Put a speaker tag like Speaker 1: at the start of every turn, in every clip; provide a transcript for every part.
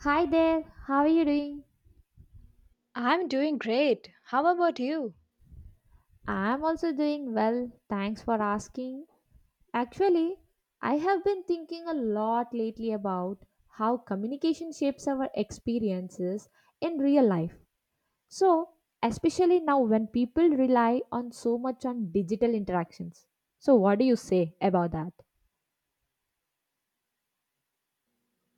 Speaker 1: Hi there, how are you doing?
Speaker 2: I'm doing great. How about you?
Speaker 1: I'm also doing well, thanks for asking. Actually, I have been thinking a lot lately about how communication shapes our experiences in real life. So, especially now when people rely on so much on digital interactions. So, what do you say about that?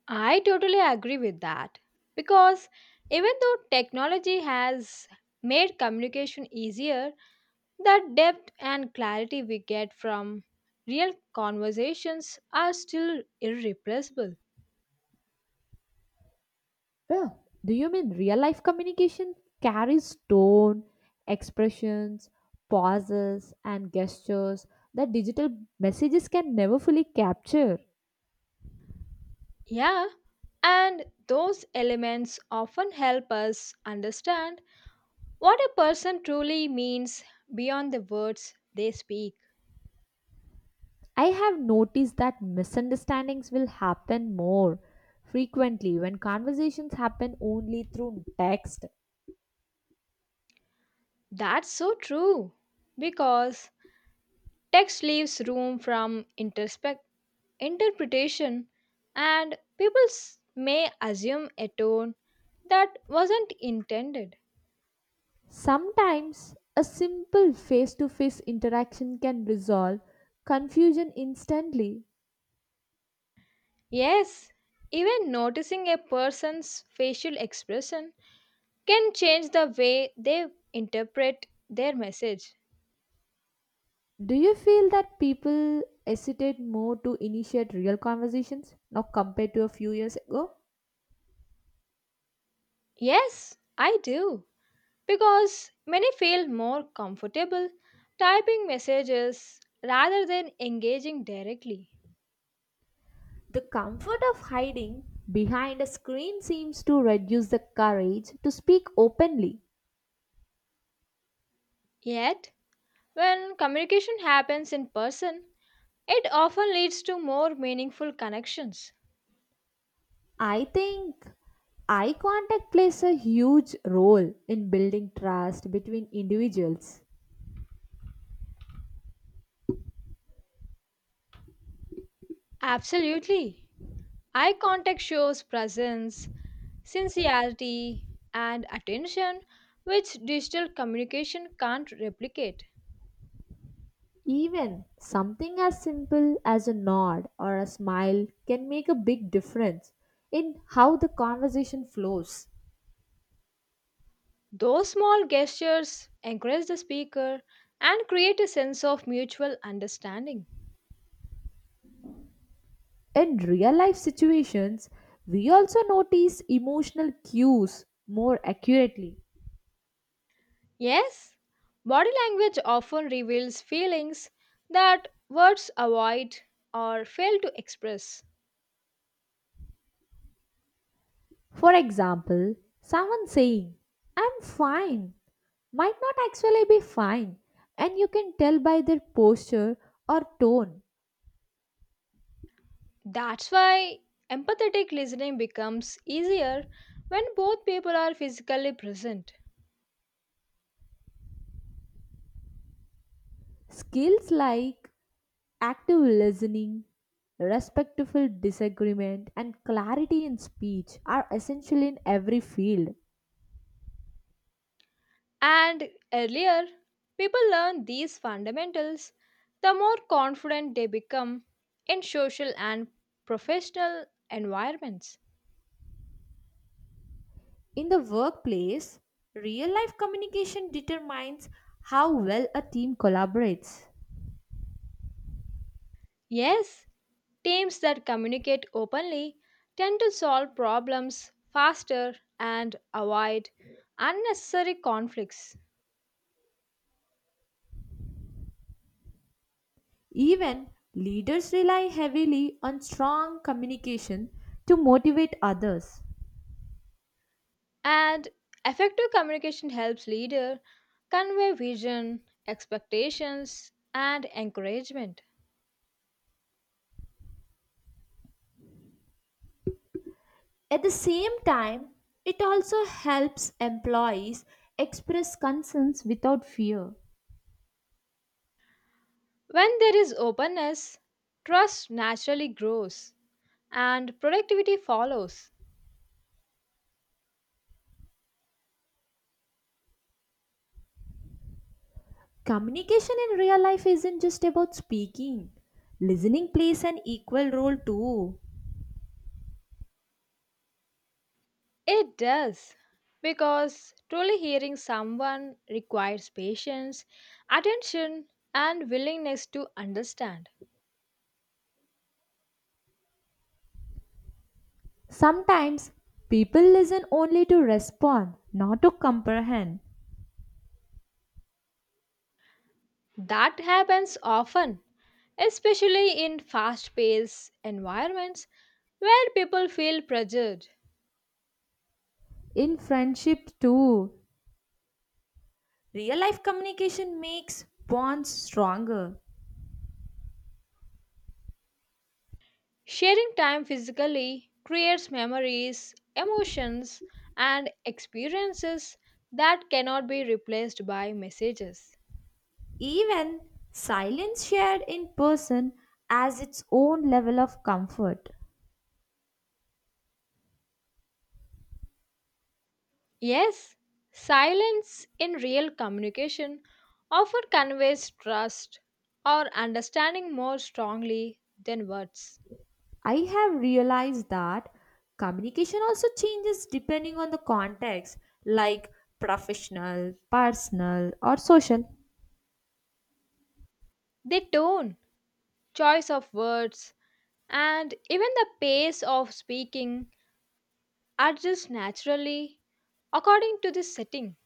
Speaker 2: I totally agree with that, because even though technology has made communication easier, the depth and clarity we get from real conversations are still irreplaceable.
Speaker 1: Well, do you mean real life communication carries tone, expressions, pauses, and gestures that digital messages can never fully capture?
Speaker 2: Yeah, and those elements often help us understand what a person truly means beyond the words they speak.
Speaker 1: I have noticed that misunderstandings will happen more frequently when conversations happen only through text.
Speaker 2: That's so true, because text leaves room interpretation, and may assume a tone that wasn't intended.
Speaker 1: Sometimes a simple face to face interaction can resolve confusion instantly.
Speaker 2: Yes, even noticing a person's facial expression can change the way they interpret their message.
Speaker 1: Do you feel that people hesitate more to initiate real conversations now compared to a few years ago?
Speaker 2: Yes, I do, because many feel more comfortable typing messages rather than engaging directly.
Speaker 1: The comfort of hiding behind a screen seems to reduce the courage to speak openly.
Speaker 2: Yet, when communication happens in person, it often leads to more meaningful connections.
Speaker 1: I think eye contact plays a huge role in building trust between individuals.
Speaker 2: Absolutely. Eye contact shows presence, sincerity, and attention, which digital communication can't replicate.
Speaker 1: Even something as simple as a nod or a smile can make a big difference in how the conversation flows.
Speaker 2: Those small gestures encourage the speaker and create a sense of mutual understanding.
Speaker 1: In real life situations, we also notice emotional cues more accurately.
Speaker 2: Yes, body language often reveals feelings that words avoid or fail to express.
Speaker 1: For example, someone saying, I'm fine, might not actually be fine, and you can tell by their posture or tone.
Speaker 2: That's why empathetic listening becomes easier when both people are physically present.
Speaker 1: Skills like active listening, respectful disagreement, and clarity in speech are essential in every field.
Speaker 2: And earlier, people learn these fundamentals, the more confident they become in social and professional environments.
Speaker 1: In the workplace, real life communication determines how well a team collaborates.
Speaker 2: Yes, teams that communicate openly tend to solve problems faster and avoid unnecessary conflicts.
Speaker 1: Even leaders rely heavily on strong communication to motivate others.
Speaker 2: And effective communication helps leader convey vision, expectations, and encouragement.
Speaker 1: At the same time, it also helps employees express concerns without fear.
Speaker 2: When there is openness, trust naturally grows and productivity follows.
Speaker 1: Communication in real life isn't just about speaking, listening plays an equal role too.
Speaker 2: It does, because truly hearing someone requires patience, attention, and willingness to understand.
Speaker 1: Sometimes people listen only to respond, not to comprehend.
Speaker 2: That happens often, especially in fast paced environments where people feel pressured.
Speaker 1: In friendship, too, real life communication makes bonds stronger.
Speaker 2: Sharing time physically creates memories, emotions, and experiences that cannot be replaced by messages.
Speaker 1: Even silence shared in person has its own level of comfort.
Speaker 2: Yes, silence in real communication often conveys trust or understanding more strongly than words.
Speaker 1: I have realized that communication also changes depending on the context, like professional, personal, or social.
Speaker 2: The tone, choice of words, and even the pace of speaking adjusts naturally according to the setting.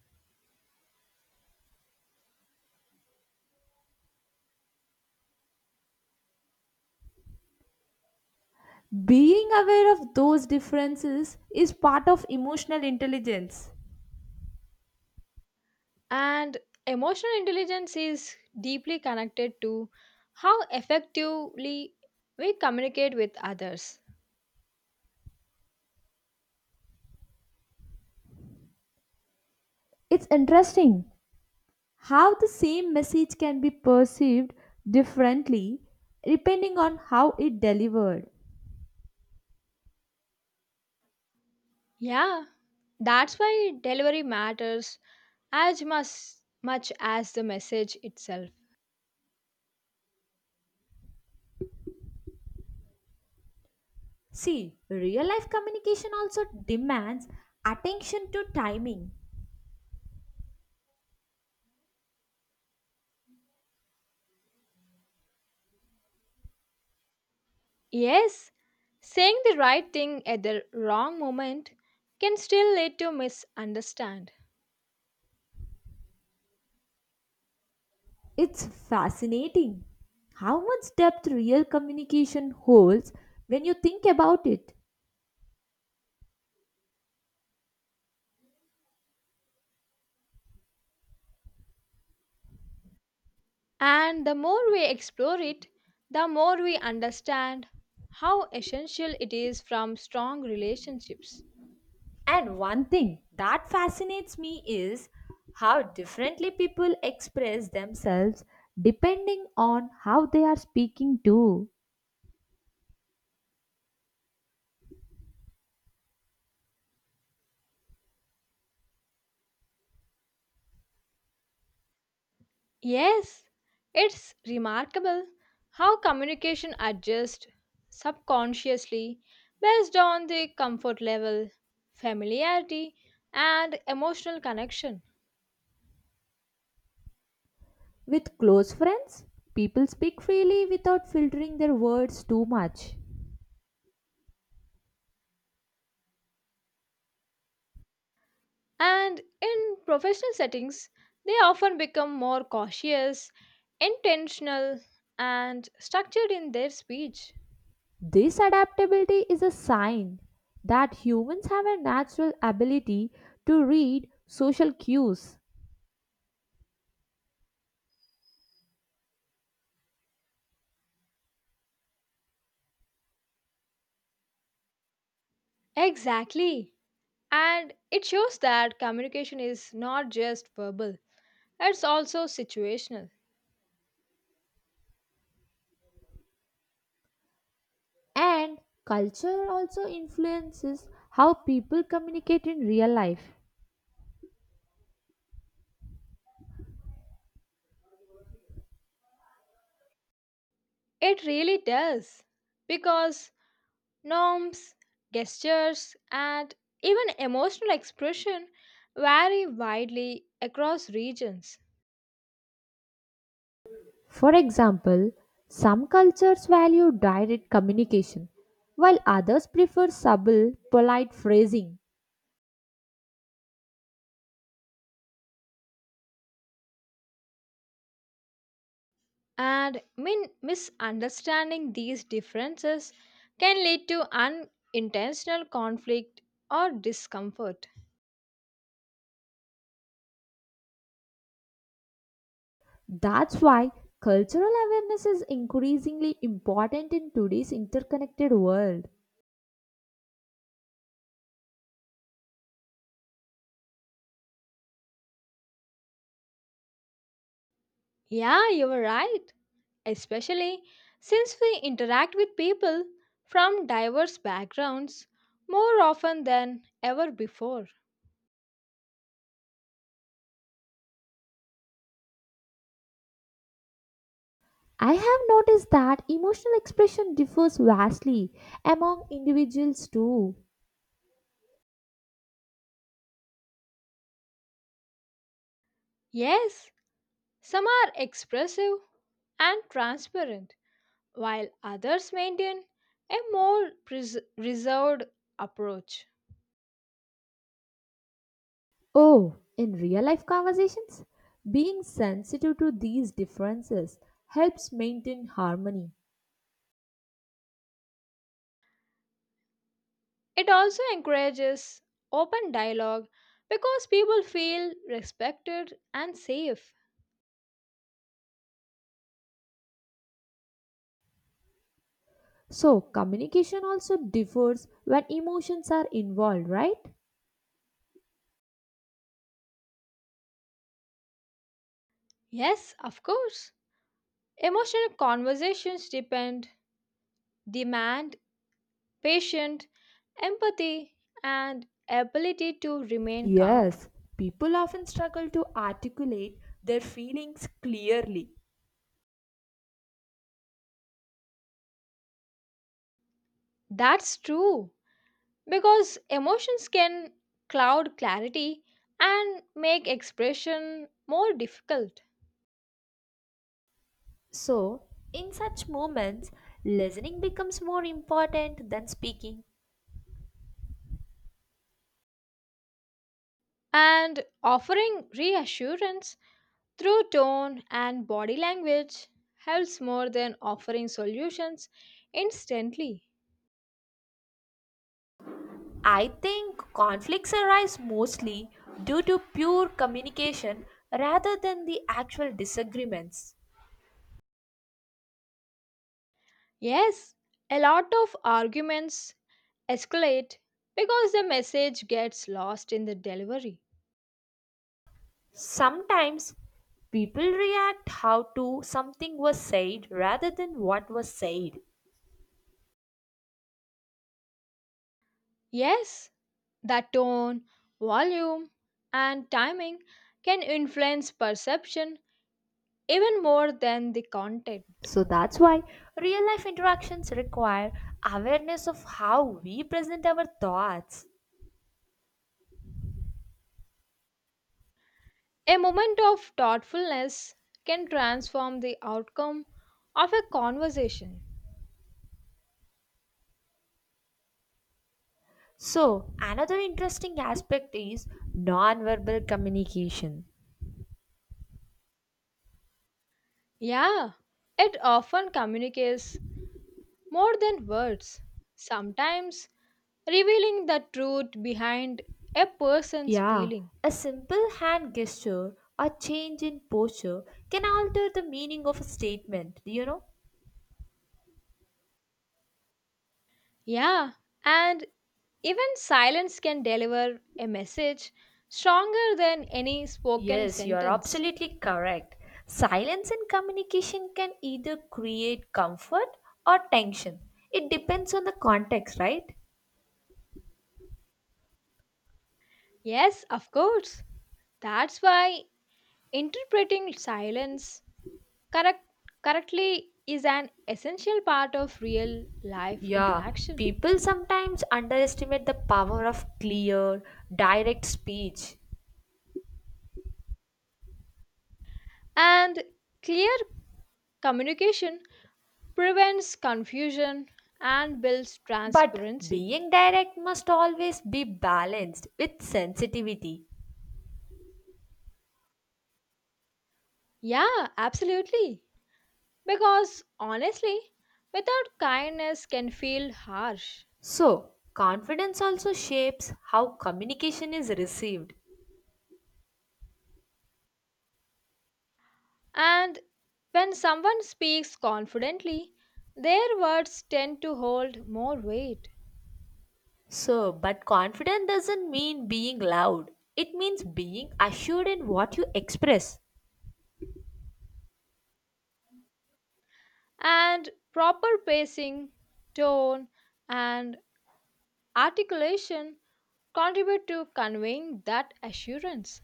Speaker 1: Being aware of those differences is part of emotional intelligence.
Speaker 2: And emotional intelligence is deeply connected to how effectively we communicate with others.
Speaker 1: It's interesting how the same message can be perceived differently depending on how it delivered.
Speaker 2: Yeah, that's why delivery matters as much, much as the message itself.
Speaker 1: See, real life communication also demands attention to timing.
Speaker 2: Yes, saying the right thing at the wrong moment can still lead to misunderstand.
Speaker 1: It's fascinating how much depth real communication holds when you think about it.
Speaker 2: And the more we explore it, the more we understand how essential it is from strong relationships.
Speaker 1: And one thing that fascinates me is how differently people express themselves depending on how they are speaking to.
Speaker 2: Yes, it's remarkable how communication adjusts subconsciously based on the comfort level, familiarity, and emotional connection.
Speaker 1: With close friends, people speak freely without filtering their words too much.
Speaker 2: And in professional settings, they often become more cautious, intentional, and structured in their speech.
Speaker 1: This adaptability is a sign that humans have a natural ability to read social cues.
Speaker 2: Exactly. And it shows that communication is not just verbal, it's also situational.
Speaker 1: And culture also influences how people communicate in real life.
Speaker 2: It really does, because norms, gestures, and even emotional expression vary widely across regions.
Speaker 1: For example, some cultures value direct communication, while others prefer subtle, polite phrasing.
Speaker 2: And misunderstanding these differences can lead to unintentional conflict or discomfort.
Speaker 1: That's why cultural awareness is increasingly important in today's interconnected world.
Speaker 2: Yeah, you were right. Especially since we interact with people from diverse backgrounds more often than ever before.
Speaker 1: I have noticed that emotional expression differs vastly among individuals too.
Speaker 2: Yes, some are expressive and transparent, while others maintain a more reserved approach.
Speaker 1: Oh, in real life conversations, being sensitive to these differences helps maintain harmony.
Speaker 2: It also encourages open dialogue because people feel respected and safe.
Speaker 1: So, communication also differs when emotions are involved, right?
Speaker 2: Yes, of course. Emotional conversations depend demand patience, empathy, and ability to remain calm.
Speaker 1: Yes, people often struggle to articulate their feelings clearly.
Speaker 2: That's true, because emotions can cloud clarity and make expression more difficult.
Speaker 1: So, in such moments, listening becomes more important than speaking.
Speaker 2: And offering reassurance through tone and body language helps more than offering solutions instantly.
Speaker 1: I think conflicts arise mostly due to pure communication rather than the actual disagreements.
Speaker 2: Yes, a lot of arguments escalate because the message gets lost in the delivery.
Speaker 1: Sometimes people react how to something was said rather than what was said.
Speaker 2: Yes, the tone, volume, and timing can influence perception even more than the content.
Speaker 1: So that's why real life interactions require awareness of how we present our thoughts.
Speaker 2: A moment of thoughtfulness can transform the outcome of a conversation.
Speaker 1: So, another interesting aspect is nonverbal communication.
Speaker 2: Yeah, it often communicates more than words, sometimes revealing the truth behind a person's
Speaker 1: Yeah,
Speaker 2: feeling.
Speaker 1: a simple hand gesture or change in posture can alter the meaning of a statement, do you know?
Speaker 2: Yeah, and even silence can deliver a message stronger than any spoken
Speaker 1: Yes, you are
Speaker 2: sentence.
Speaker 1: absolutely correct. Silence in communication can either create comfort or tension. It depends on the context, right?
Speaker 2: Yes, of course. That's why interpreting correct, correctly is an essential part of real life
Speaker 1: Yeah,
Speaker 2: interaction.
Speaker 1: people sometimes underestimate the power of clear, direct speech.
Speaker 2: And clear communication prevents confusion and builds
Speaker 1: But
Speaker 2: transparency.
Speaker 1: being direct must always be balanced with sensitivity.
Speaker 2: Yeah, absolutely. Because honestly, without kindness can feel harsh.
Speaker 1: So, confidence also shapes how communication is received.
Speaker 2: And when someone speaks confidently, their words tend to hold more weight.
Speaker 1: So, but confidence doesn't mean being loud, it means being assured in what you express.
Speaker 2: And proper pacing, tone, and articulation contribute to conveying that assurance.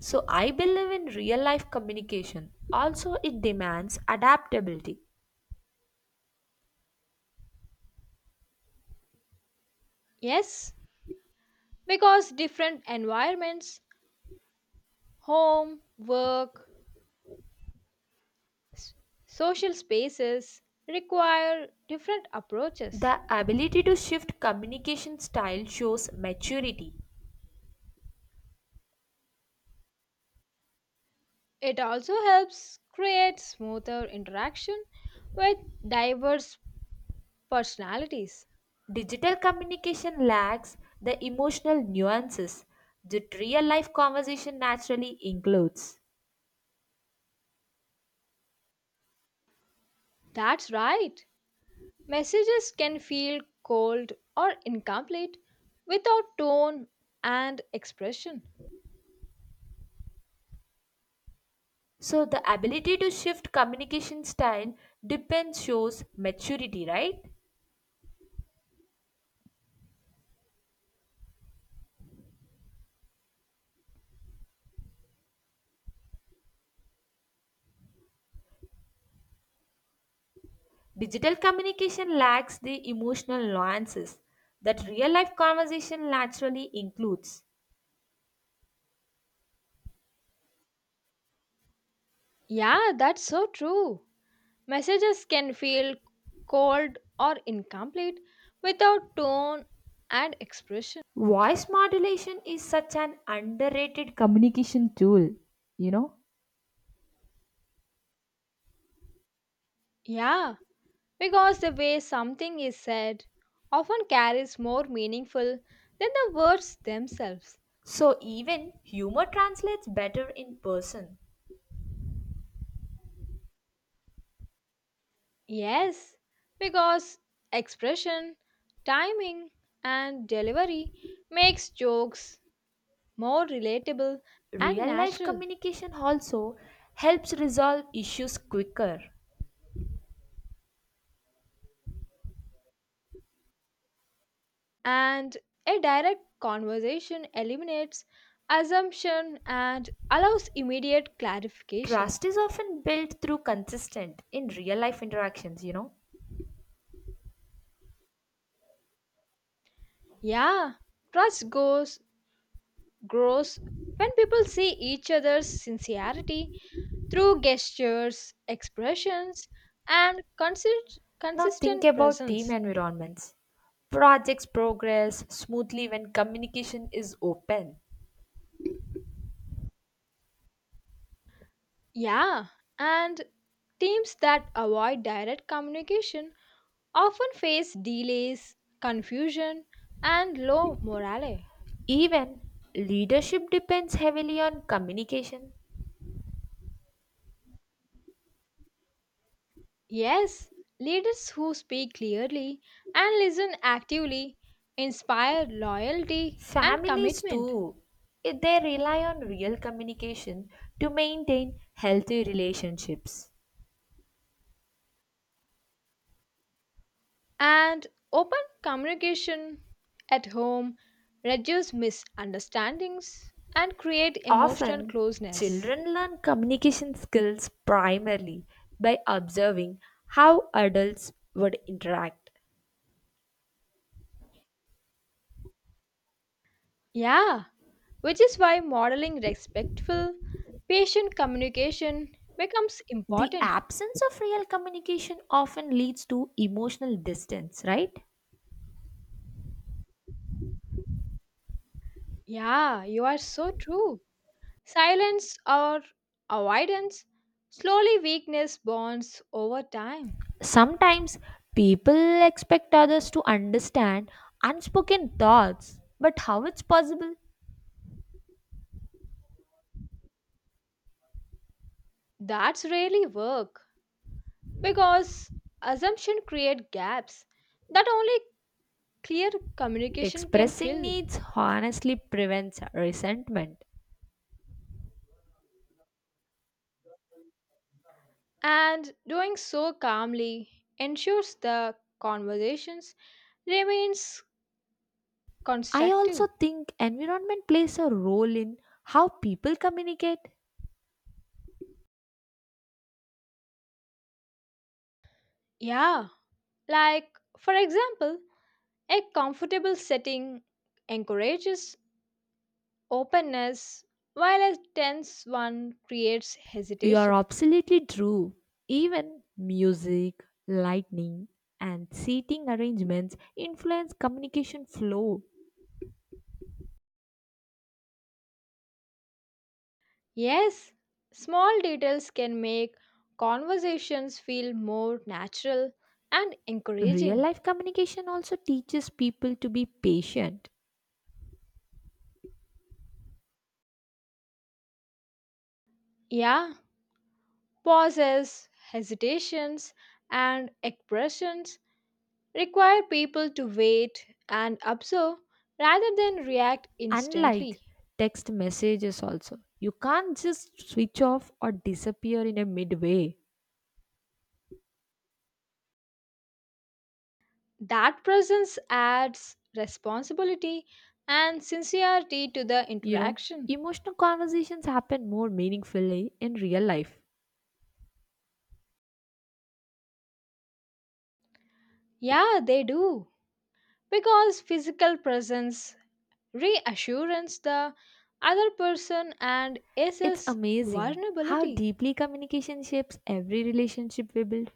Speaker 1: So, I believe in real life communication. Also, it demands adaptability.
Speaker 2: Yes, because different environments, home, work, S- social spaces require different approaches.
Speaker 1: The ability to shift communication style shows maturity.
Speaker 2: It also helps create smoother interaction with diverse personalities.
Speaker 1: Digital communication lacks the emotional nuances that real life conversation naturally includes.
Speaker 2: That's right. Messages can feel cold or incomplete without tone and expression.
Speaker 1: So the ability to shift communication style depends shows maturity, right? Digital communication lacks the emotional nuances that real life conversation naturally includes.
Speaker 2: Yeah, that's so true. Messages can feel cold or incomplete without tone and expression.
Speaker 1: Voice modulation is such an underrated communication tool, you know?
Speaker 2: Yeah, because the way something is said often carries more meaningful than the words themselves.
Speaker 1: So even humor translates better in person.
Speaker 2: Yes, because expression, timing, and delivery makes jokes more relatable and
Speaker 1: Real life
Speaker 2: natural,
Speaker 1: communication also helps resolve issues quicker.
Speaker 2: and a direct conversation eliminates assumption and allows immediate clarification.
Speaker 1: Trust is often built through consistent in real life interactions, you know.
Speaker 2: Yeah, trust goes grows when people see each other's sincerity through gestures, expressions, and
Speaker 1: Now think
Speaker 2: consistent
Speaker 1: about team
Speaker 2: presence.
Speaker 1: environments. Projects progress smoothly when communication is open.
Speaker 2: Yeah, and teams that avoid direct communication often face delays, confusion, and low morale.
Speaker 1: Even leadership depends heavily on communication.
Speaker 2: Yes, leaders who speak clearly and listen actively inspire loyalty and
Speaker 1: Families
Speaker 2: commitment.
Speaker 1: too. If they rely on real communication to maintain healthy relationships.
Speaker 2: And open communication at home reduce misunderstandings and create emotional
Speaker 1: Often,
Speaker 2: closeness.
Speaker 1: children learn communication skills primarily by observing how adults would interact.
Speaker 2: Yeah, which is why modeling respectful patient communication becomes
Speaker 1: The
Speaker 2: important.
Speaker 1: absence of real communication often leads to emotional distance, right?
Speaker 2: Yeah, you are so true. Silence or avoidance slowly weakness bonds over time.
Speaker 1: Sometimes people expect others to understand unspoken thoughts, but how it's possible.
Speaker 2: That's really work, because assumption create gaps that only clear communication can
Speaker 1: Expressing
Speaker 2: fill,
Speaker 1: needs honestly prevents resentment.
Speaker 2: and doing so calmly ensures the conversations remains
Speaker 1: I also
Speaker 2: constructive.
Speaker 1: think environment plays a role in how people communicate.
Speaker 2: Yeah, like for example, a comfortable setting encourages openness while a tense one creates
Speaker 1: You are
Speaker 2: hesitation.
Speaker 1: absolutely true. Even music, lighting, and seating arrangements influence communication flow.
Speaker 2: Yes, small details can make conversations feel more natural and
Speaker 1: Real
Speaker 2: encouraging.
Speaker 1: life communication also teaches people to be patient.
Speaker 2: Yeah. Pauses, hesitations, and expressions require people to wait and observe rather than react instantly.
Speaker 1: Unlike text messages also. You can't just switch off or disappear in a midway.
Speaker 2: That presence adds responsibility and sincerity to the
Speaker 1: You know,
Speaker 2: interaction.
Speaker 1: emotional conversations happen more meaningfully in real life.
Speaker 2: Yeah, they do. Because physical presence reassures the other person and
Speaker 1: It's
Speaker 2: assess
Speaker 1: amazing how
Speaker 2: vulnerability.
Speaker 1: deeply communication shapes every relationship we build.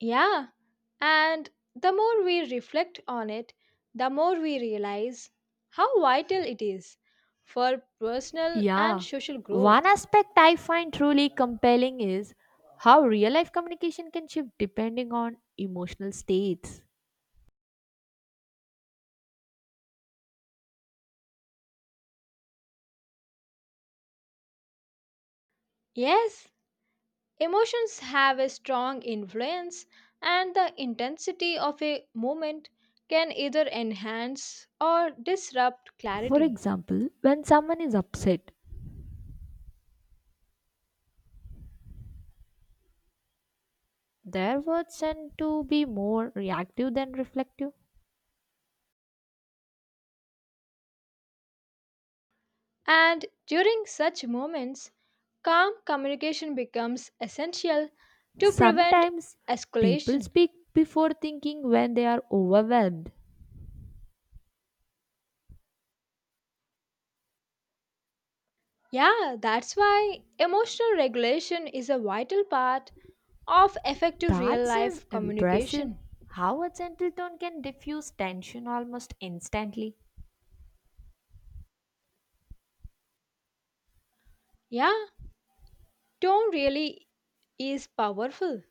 Speaker 2: Yeah, and the more we reflect on it, the more we realize how vital it is for personal and
Speaker 1: Yeah.
Speaker 2: social
Speaker 1: One
Speaker 2: growth.
Speaker 1: aspect I find truly compelling is how real life communication can shift depending on emotional states.
Speaker 2: Yes, emotions have a strong influence, and the intensity of a moment can either enhance or disrupt
Speaker 1: For
Speaker 2: clarity.
Speaker 1: example, when someone is upset, their words tend to be more reactive than reflective.
Speaker 2: And during such moments, calm communication becomes essential to prevent
Speaker 1: Sometimes people
Speaker 2: escalation.
Speaker 1: speak before thinking when they are overwhelmed.
Speaker 2: Yeah, that's why emotional regulation is a vital part of effective real
Speaker 1: That is
Speaker 2: life
Speaker 1: impressive
Speaker 2: communication.
Speaker 1: how a gentle tone can diffuse tension almost instantly.
Speaker 2: Yeah, tone really is powerful.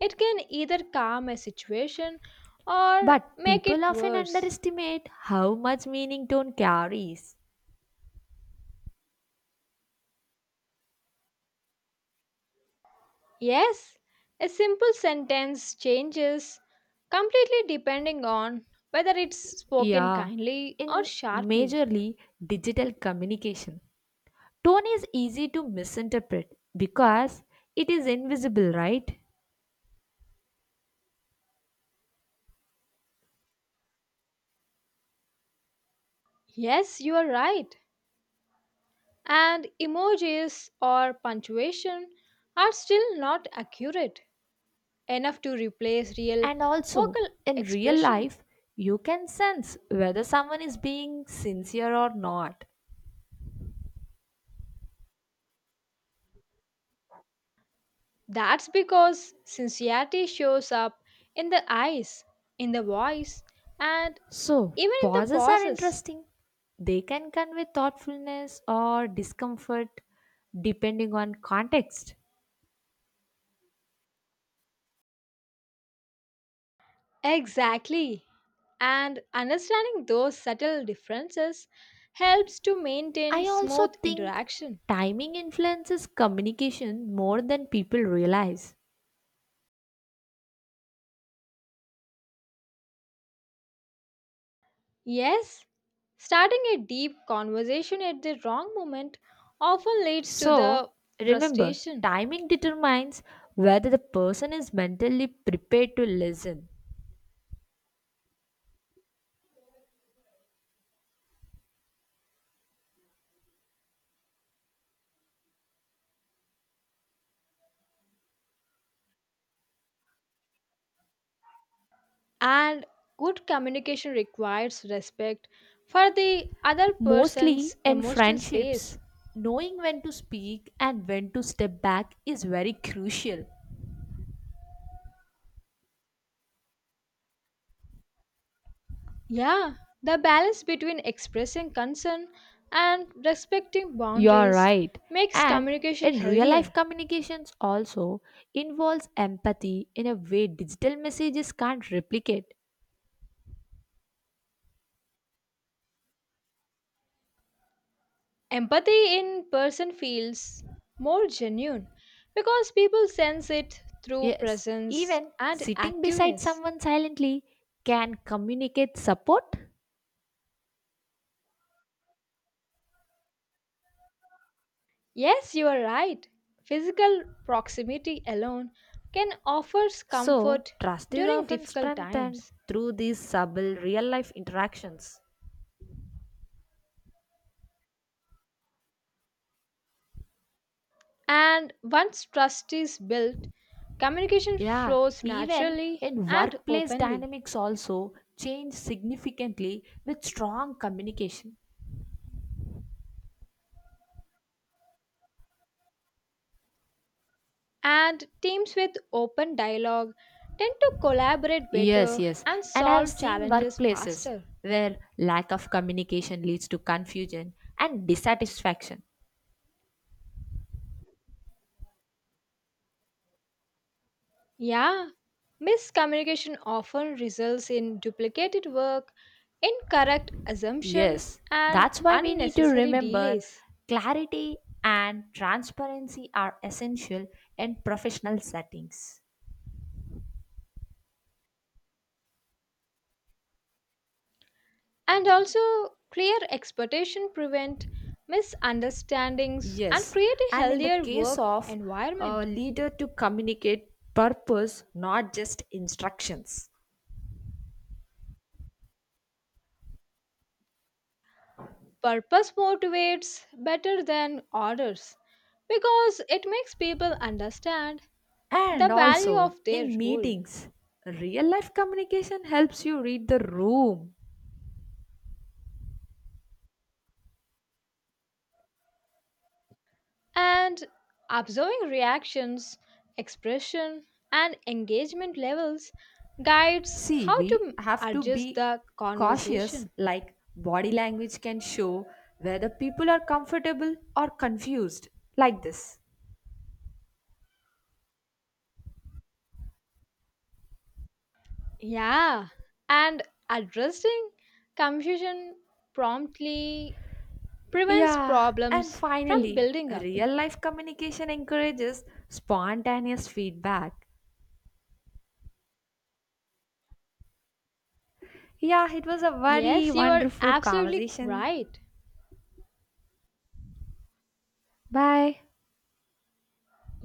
Speaker 2: It can either calm a situation or
Speaker 1: But
Speaker 2: make
Speaker 1: people
Speaker 2: it
Speaker 1: often
Speaker 2: worse.
Speaker 1: underestimate how much meaning tone carries.
Speaker 2: Yes, a simple sentence changes completely depending on whether it's spoken
Speaker 1: Yeah,
Speaker 2: kindly or
Speaker 1: in
Speaker 2: sharply.
Speaker 1: majorly digital communication, tone is easy to misinterpret because it is invisible, right?
Speaker 2: Yes, you are right. And emojis or punctuation are still not accurate enough to replace real
Speaker 1: And also,
Speaker 2: vocal
Speaker 1: in real
Speaker 2: expression.
Speaker 1: life, you can sense whether someone is being sincere or not.
Speaker 2: That's because sincerity shows up in the eyes, in the voice, and
Speaker 1: So,
Speaker 2: even in the
Speaker 1: pauses are
Speaker 2: pauses.
Speaker 1: interesting. They can convey thoughtfulness or discomfort depending on context.
Speaker 2: Exactly. And understanding those subtle differences helps to maintain
Speaker 1: I also
Speaker 2: smooth
Speaker 1: think
Speaker 2: interaction.
Speaker 1: timing influences communication more than people realize.
Speaker 2: Yes, starting a deep conversation at the wrong moment often leads to
Speaker 1: So,
Speaker 2: the
Speaker 1: remember,
Speaker 2: frustration.
Speaker 1: timing determines whether the person is mentally prepared to listen.
Speaker 2: And good communication requires respect for the other
Speaker 1: Mostly
Speaker 2: person's
Speaker 1: in
Speaker 2: emotional
Speaker 1: friendships,
Speaker 2: space.
Speaker 1: knowing when to speak and when to step back is very crucial.
Speaker 2: Yeah, the balance between expressing concern and respecting
Speaker 1: You are
Speaker 2: boundaries
Speaker 1: right.
Speaker 2: makes
Speaker 1: And
Speaker 2: communication
Speaker 1: in real life
Speaker 2: healthier.
Speaker 1: communications also involves empathy in a way digital messages can't replicate.
Speaker 2: Empathy in person feels more genuine because people sense it through
Speaker 1: Yes,
Speaker 2: presence
Speaker 1: even
Speaker 2: and
Speaker 1: sitting beside
Speaker 2: activeness.
Speaker 1: someone silently can communicate support.
Speaker 2: Yes, you are right. Physical proximity alone can offer
Speaker 1: So,
Speaker 2: comfort
Speaker 1: trust is
Speaker 2: during
Speaker 1: often
Speaker 2: difficult
Speaker 1: strengthened
Speaker 2: times.
Speaker 1: through these subtle real life interactions.
Speaker 2: And once trust is built, communication
Speaker 1: Yeah,
Speaker 2: flows
Speaker 1: even
Speaker 2: naturally
Speaker 1: in
Speaker 2: and
Speaker 1: workplace
Speaker 2: openly.
Speaker 1: dynamics also change significantly with strong communication.
Speaker 2: And teams with open dialogue tend to collaborate
Speaker 1: Yes,
Speaker 2: better
Speaker 1: yes.
Speaker 2: and
Speaker 1: And I have
Speaker 2: solve
Speaker 1: seen
Speaker 2: challenges
Speaker 1: workplaces
Speaker 2: faster.
Speaker 1: where lack of communication leads to confusion and dissatisfaction.
Speaker 2: Yeah, miscommunication often results in duplicated work, incorrect assumption,
Speaker 1: Yes,
Speaker 2: and
Speaker 1: that's why we need to
Speaker 2: unnecessary
Speaker 1: remember
Speaker 2: delays.
Speaker 1: clarity and transparency are essential in professional settings.
Speaker 2: And also, clear expectation prevent misunderstandings and
Speaker 1: Yes,
Speaker 2: create a
Speaker 1: and in the
Speaker 2: healthier
Speaker 1: case
Speaker 2: work
Speaker 1: of a
Speaker 2: environment.
Speaker 1: leader to communicate purpose, not just instructions.
Speaker 2: Purpose motivates better than orders because it makes people understand
Speaker 1: And
Speaker 2: the value
Speaker 1: also
Speaker 2: of their
Speaker 1: in
Speaker 2: role.
Speaker 1: meetings, real life communication helps you read the room.
Speaker 2: And observing reactions, expression, and engagement levels guides
Speaker 1: See,
Speaker 2: how
Speaker 1: we
Speaker 2: to
Speaker 1: have to
Speaker 2: adjust
Speaker 1: be
Speaker 2: the
Speaker 1: cautious,
Speaker 2: conversation.
Speaker 1: like body language can show whether people are comfortable or confused, like this.
Speaker 2: Yeah, and addressing confusion promptly prevents
Speaker 1: Yeah, and
Speaker 2: problems from
Speaker 1: finally,
Speaker 2: building up.
Speaker 1: real life communication encourages spontaneous feedback. Yeah, it was a very
Speaker 2: Yes, you are
Speaker 1: wonderful
Speaker 2: absolutely
Speaker 1: conversation.
Speaker 2: right.
Speaker 1: Bye.